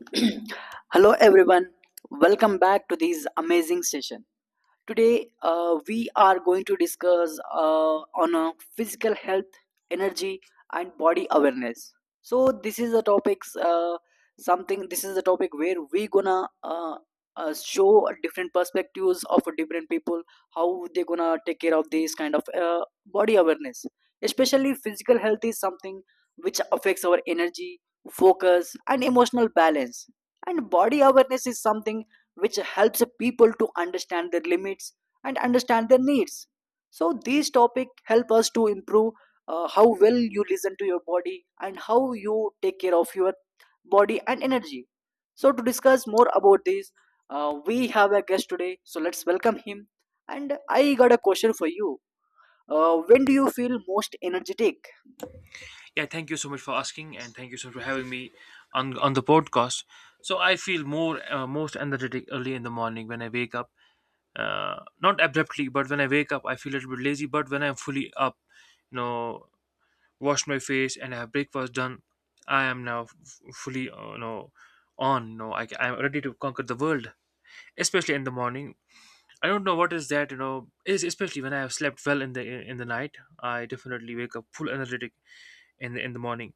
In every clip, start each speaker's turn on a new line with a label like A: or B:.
A: Hello everyone, welcome back to this amazing session. Today, we are going to discuss on physical health, energy, and body awareness. So this is the topics. Something. This is the topic where we gonna uh, show different perspectives of different people how they gonna take care of this kind of body awareness. Especially physical health is something which affects our energy, focus, and emotional balance. And body awareness is something which helps people to understand their limits and understand their needs. So these topics help us to improve how well you listen to your body and how you take care of your body and energy. So to discuss more about this, we have a guest today. So let's welcome him. And I got a question for you. When do you feel most energetic?
B: Yeah, thank you so much for asking, and thank you so much for having me on the podcast. So I feel more most energetic early in the morning when I wake up. Not abruptly, but when I wake up, I feel a little bit lazy. But when I'm fully up, you know, wash my face and I have breakfast done, I am now fully, on. I'm ready to conquer the world, especially in the morning. I don't know what is that is, especially when I have slept well in the night. I definitely wake up full energetic in the morning,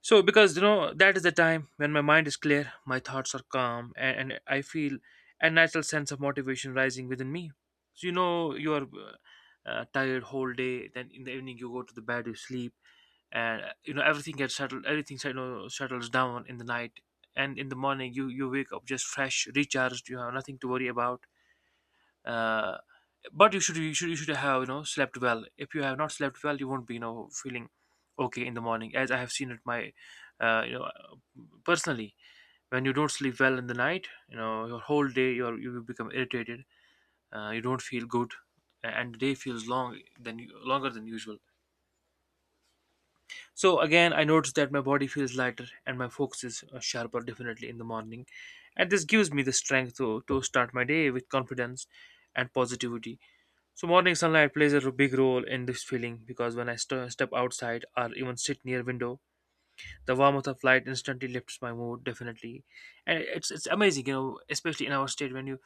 B: so because that is the time when my mind is clear, my thoughts are calm, and I feel a natural sense of motivation rising within me. So, you are tired whole day, then in the evening you go to the bed, you sleep, and everything gets settled, everything settles down in the night, and in the morning you wake up just fresh, recharged. You have nothing to worry about uh, but you should have slept well. If you have not slept well, you won't be feeling okay in the morning, as I have seen it my uh, you know personally. When you don't sleep well in the night, your whole day you become irritated. You don't feel good, and the day feels longer than usual. So again, I noticed that my body feels lighter and my focus is sharper, definitely in the morning, and this gives me the strength to start my day with confidence and positivity. So morning sunlight plays a big role in this feeling, because when I step outside or even sit near window, the warmth of light instantly lifts my mood, definitely, and it's amazing, you know, especially in our state when you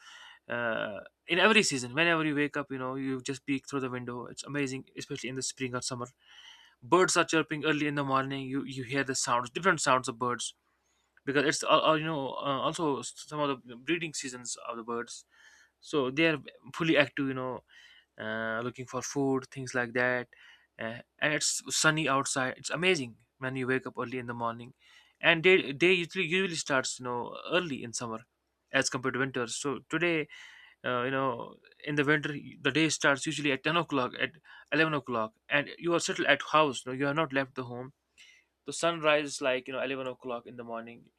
B: uh, in every season, whenever you wake up, you just peek through the window. It's amazing, especially in the spring or summer. Birds are chirping early in the morning, you hear the sounds, different sounds of birds, because it's also some of the breeding seasons of the birds. So they are fully active, looking for food, things like that. And it's sunny outside. It's amazing when you wake up early in the morning. And day usually starts early in summer, as compared to winter. So today, uh, you know, in the winter, the day starts usually at 10 o'clock, at 11 o'clock, and you are settled at house. No, you have not left the home. The sun rises like 11 o'clock in the morning.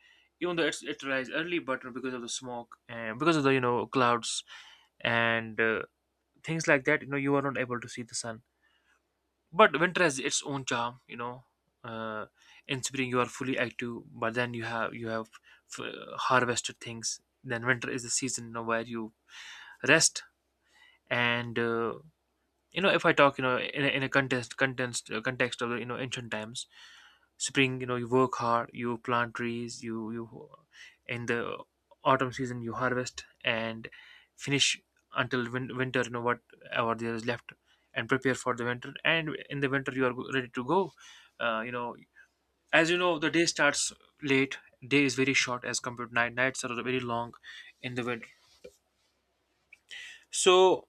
B: Even though it rises early, but because of the smoke and because of the clouds, and things like that, you are not able to see the sun. But winter has its own charm uh, in spring you are fully active, but then you have harvested things. Then winter is the season, where you rest. And if I talk, in a context of the ancient times. Spring. You work hard, you plant trees, you in the autumn season you harvest and finish until winter, whatever there is left, and prepare for the winter. And in the winter you are ready to go, uh, you know as you know the day starts late. Day is very short as compared to night, nights are very long in the winter. So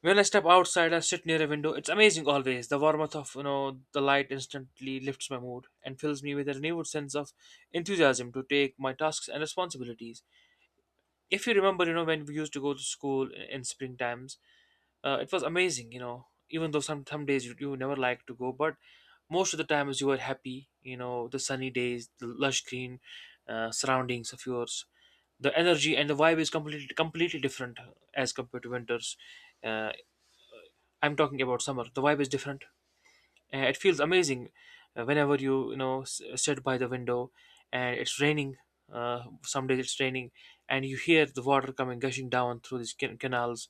B: when I step outside, I sit near a window. It's amazing always. The warmth of the light instantly lifts my mood and fills me with a renewed sense of enthusiasm to take my tasks and responsibilities. If you remember, when we used to go to school in spring times, it was amazing. You know, even though some days you never like to go, but most of the times you were happy. You know, the sunny days, the lush green surroundings of yours, the energy and the vibe is completely different, as compared to winters. Uh, I'm talking about summer. The vibe is different. It feels amazing whenever you sit by the window, and it's raining. Some days it's raining, and you hear the water coming gushing down through these canals,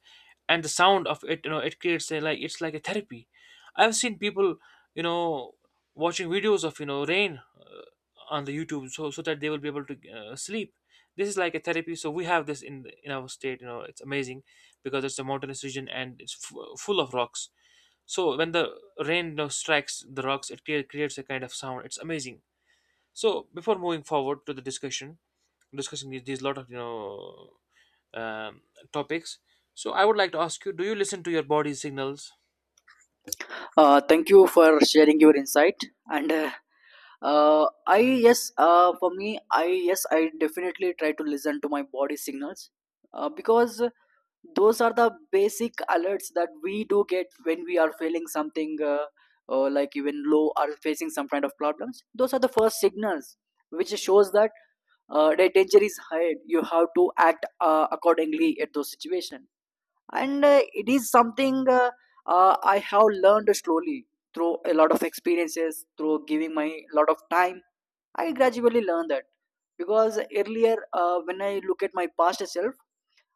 B: and the sound of it. You know, it creates a, like it's like a therapy. I've seen people, you know watching videos of rain, on the YouTube, so that they will be able to sleep. This is like a therapy. So we have this in our state. You know, it's amazing because it's a mountainous region and it's full of rocks, so when the rain, strikes the rocks, it creates a kind of sound. It's amazing. So before moving forward to the discussion, discussing these lot of um, topics, so I would like to ask you: Do you listen to your body signals?
A: Thank you for sharing your insight. And I yes for me, I definitely try to listen to my body signals because those are the basic alerts that we do get when we are feeling something like even low or facing some kind of problems. Those are the first signals which shows that the danger is high. You have to act accordingly at those situations. And it is something I have learned slowly through a lot of experiences, through giving my lot of time. I gradually learned that, because earlier, when I look at my past self,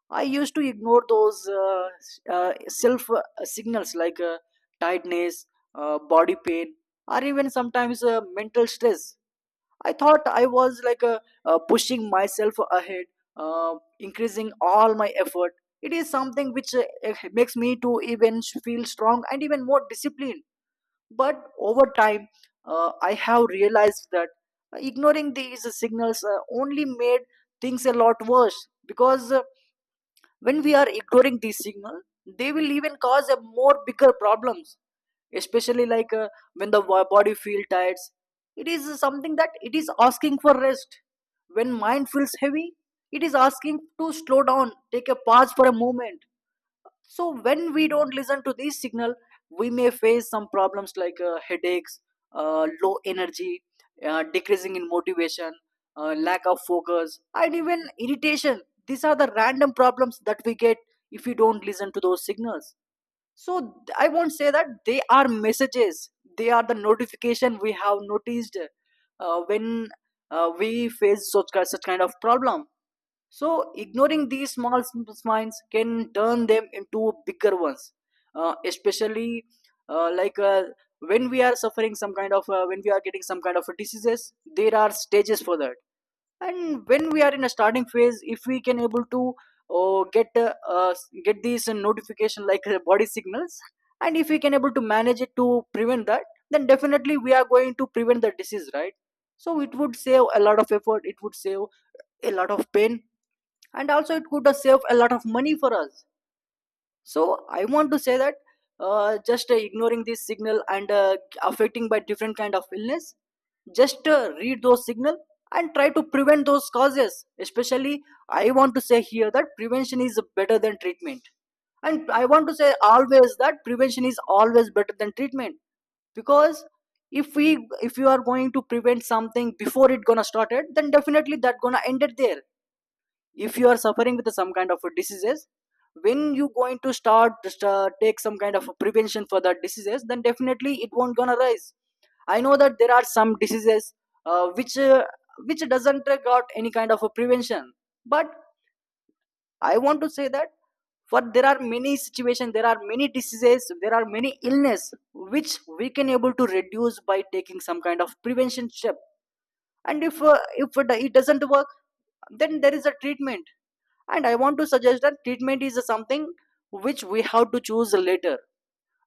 A: I used to ignore those self signals, like tiredness, body pain, or even sometimes mental stress. I thought I was like, pushing myself ahead, uh, increasing all my effort. It is something which makes me to even feel strong and even more disciplined. But over time, I have realized that ignoring these signals only made things a lot worse, because when we are ignoring these signals, they will even cause a more bigger problems. Especially like, when the body feels tired, it is something that it is asking for rest. When mind feels heavy, it is asking to slow down, take a pause for a moment. So when we don't listen to these signal, we may face some problems like headaches, low energy, decreasing in motivation, lack of focus, and even irritation. These are the random problems that we get if we don't listen to those signals. So I won't say that they are messages. They are the notification we have noticed when we face such kind of problem. So, ignoring these small simple minds can turn them into bigger ones, especially uh, like uh, when we are suffering some kind of when we are getting some kind of diseases. There are stages for that, and when we are in a starting phase, if we can able to uh, get uh, uh, get these notification like body signals, and if we can able to manage it to prevent that, then definitely we are going to prevent the disease, right? So it would save a lot of effort, it would save a lot of pain, and also it could save a lot of money for us. So I want to say that just ignoring this signal and affecting by different kind of illness, just read those signal and try to prevent those causes. Especially, I want to say here that prevention is better than treatment, and I want to say always that prevention is always better than treatment. Because if we if you are going to prevent something before it gonna started, then definitely that gonna end it there. If you are suffering with some kind of diseases, when you going to start, take some kind of prevention for that diseases, then definitely it won't gonna rise. I know that there are some diseases which which doesn't got any kind of a prevention. But I want to say that, for there are many situations, there are many diseases, there are many illness which we can able to reduce by taking some kind of prevention step. And if it doesn't work, then there is a treatment. And I want to suggest that treatment is something which we have to choose later.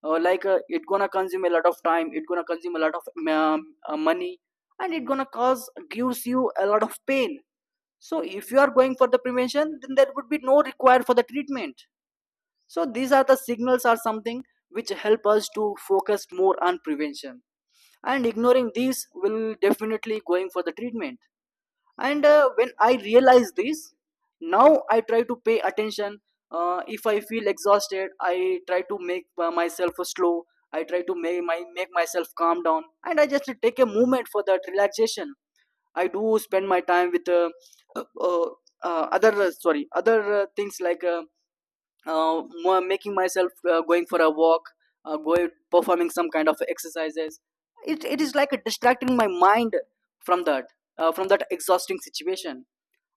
A: It gonna consume a lot of time, it gonna consume a lot of um, money, and it gonna cause gives you a lot of pain. So if you are going for the prevention, then there would be no required for the treatment. So these are the signals are something which help us to focus more on prevention, and ignoring these will definitely going for the treatment. And when I realize this, now I try to pay attention. If I feel exhausted, I try to make myself slow. I try to make myself calm down, and I just take a moment for that relaxation. I do spend my time with uh, uh, other things, like making myself going for a walk, going performing some kind of exercises. It is like distracting my mind from that, from that exhausting situation.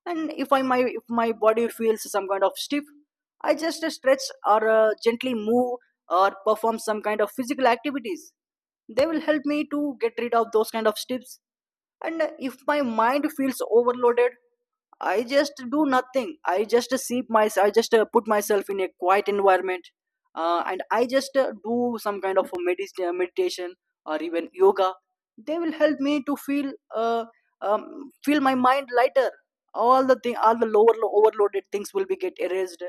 A: And if my body feels some kind of stiff, I just stretch, or gently move, or perform some kind of physical activities. They will help me to get rid of those kind of stiffs. And if my mind feels overloaded, I just do nothing. I just see my. I just put myself in a quiet environment, and I just do some kind of a meditation or even yoga. They will help me to feel feel my mind lighter. All the lower overloaded things will be get erased.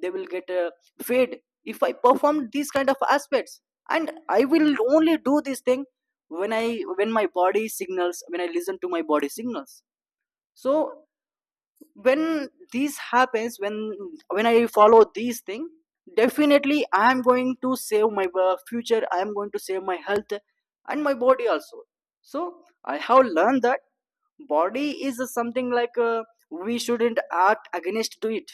A: They will get fade if I perform these kind of aspects. And I will only do this thing when I when my body signals, when I listen to my body signals. So when this happens when I follow these things, definitely I am going to save my future, I am going to save my health and my body also. So I have learned that body is something like, we shouldn't act against to it.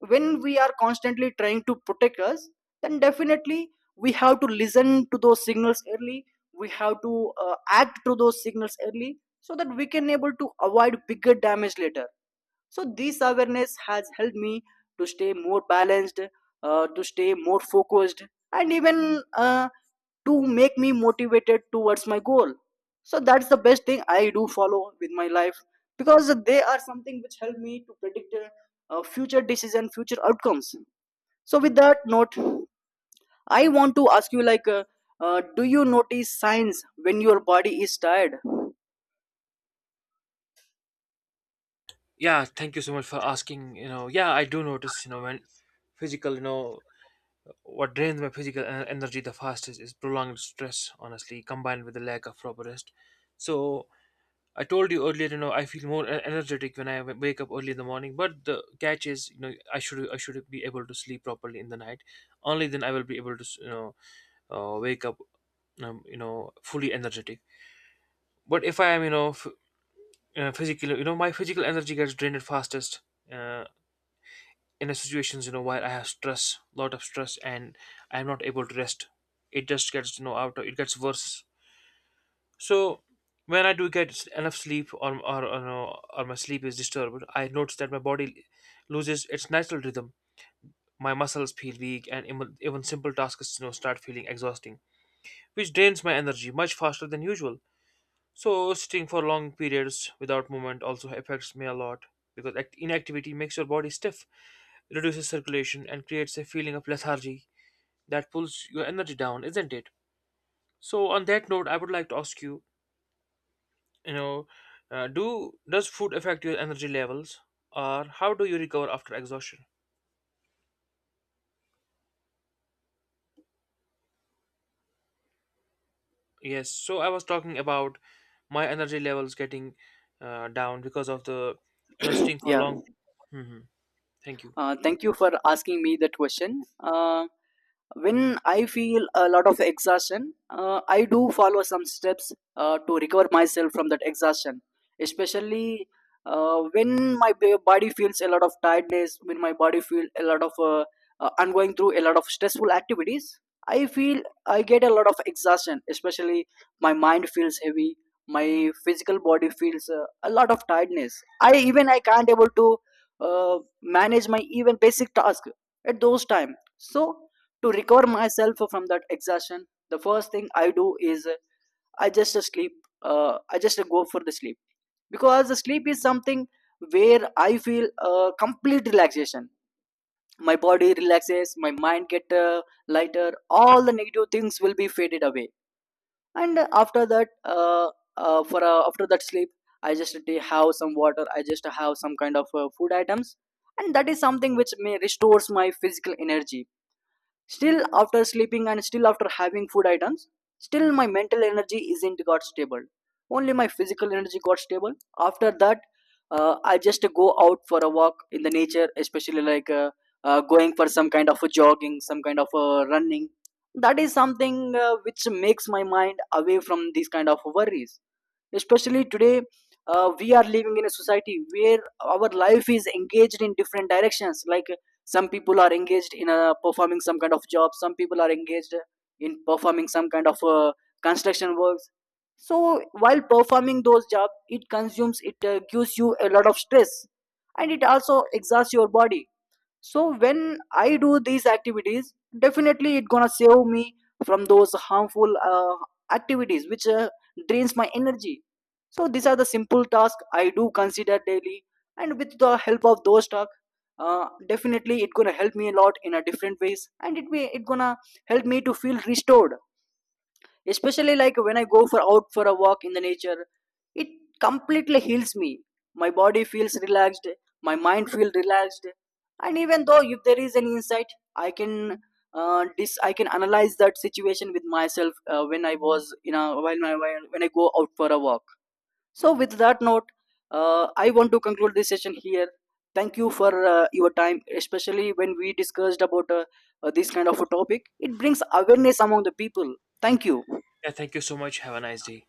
A: When we are constantly trying to protect us, then definitely we have to listen to those signals early, we have to act to those signals early, so that we can able to avoid bigger damage later. So this awareness has helped me to stay more balanced, to stay more focused, and even to make me motivated towards my goal. So that's the best thing I do follow with my life, because they are something which help me to predict future decision, future outcomes. So with that note, I want to ask you like, do you notice signs when your body is tired?
B: Yeah, thank you so much for asking. Yeah, I do notice. When physical, what drains my physical energy the fastest is prolonged stress. Honestly, combined with the lack of proper rest. So I told you earlier, I feel more energetic when I wake up early in the morning. But the catch is, I should be able to sleep properly in the night. Only then I will be able to wake up, fully energetic. But if I am, physically, my physical energy gets drained fastest uh, in a situations, while I have stress, lot of stress, and I am not able to rest. It just gets, out. It gets worse. So when I do get enough sleep or, no- or my sleep is disturbed, I notice that my body loses its natural rhythm. My muscles feel weak, and even simple tasks, start feeling exhausting, which drains my energy much faster than usual. So sitting for long periods without movement also affects me a lot because inactivity makes your body stiff, reduces circulation, and creates a feeling of lethargy that pulls your energy down, isn't it? So on that note, I would like to ask you, you know do does food affect your energy levels, or how do you recover after exhaustion? Yes, so I was talking about my energy levels getting down because of the staying for
A: Yeah.
B: long. Thank you.
A: Thank you for asking me that question. When I feel a lot of exhaustion, I do follow some steps to recover myself from that exhaustion. Especially when my body feels a lot of tiredness, when my body feels a lot of I'm going through a lot of stressful activities, I feel I get a lot of exhaustion. Especially my mind feels heavy, my physical body feels a lot of tiredness. I even I can't able to manage my even basic task at those time. So to recover myself from that exhaustion, the first thing I do is I just sleep. I just go for the sleep, because the sleep is something where I feel complete relaxation. My body relaxes, my mind get lighter, all the negative things will be faded away. And after that sleep, I just have some water, I just have some kind of food items, and that is something which may restores my physical energy. Still, after sleeping and still after having food items, still my mental energy isn't got stable. Only my physical energy got stable. After that, I just go out for a walk in the nature, especially like going for some kind of a jogging, some kind of a running. That is something which makes my mind away from these kind of worries. Especially today, we are living in a society where our life is engaged in different directions, like some people are engaged in performing some kind of job, some people are engaged in performing some kind of construction works. So while performing those jobs, it consumes, it gives you a lot of stress, and it also exhausts your body. So when I do these activities, definitely it gonna save me from those harmful activities which drains my energy. So these are the simple tasks I do consider daily, and with the help of those tasks, definitely it gonna help me a lot in a different ways, and it gonna help me to feel restored. Especially like when I go for out for a walk in the nature, it completely heals me. My body feels relaxed, my mind feels relaxed, and even though if there is any insight, I can I can analyze that situation with myself when I was you know when I go out for a walk. So with that note, I want to conclude this session here. Thank you for your time. Especially when we discussed about this kind of a topic, it brings awareness among the people. Thank you.
B: Yeah, thank you so much, have a nice day.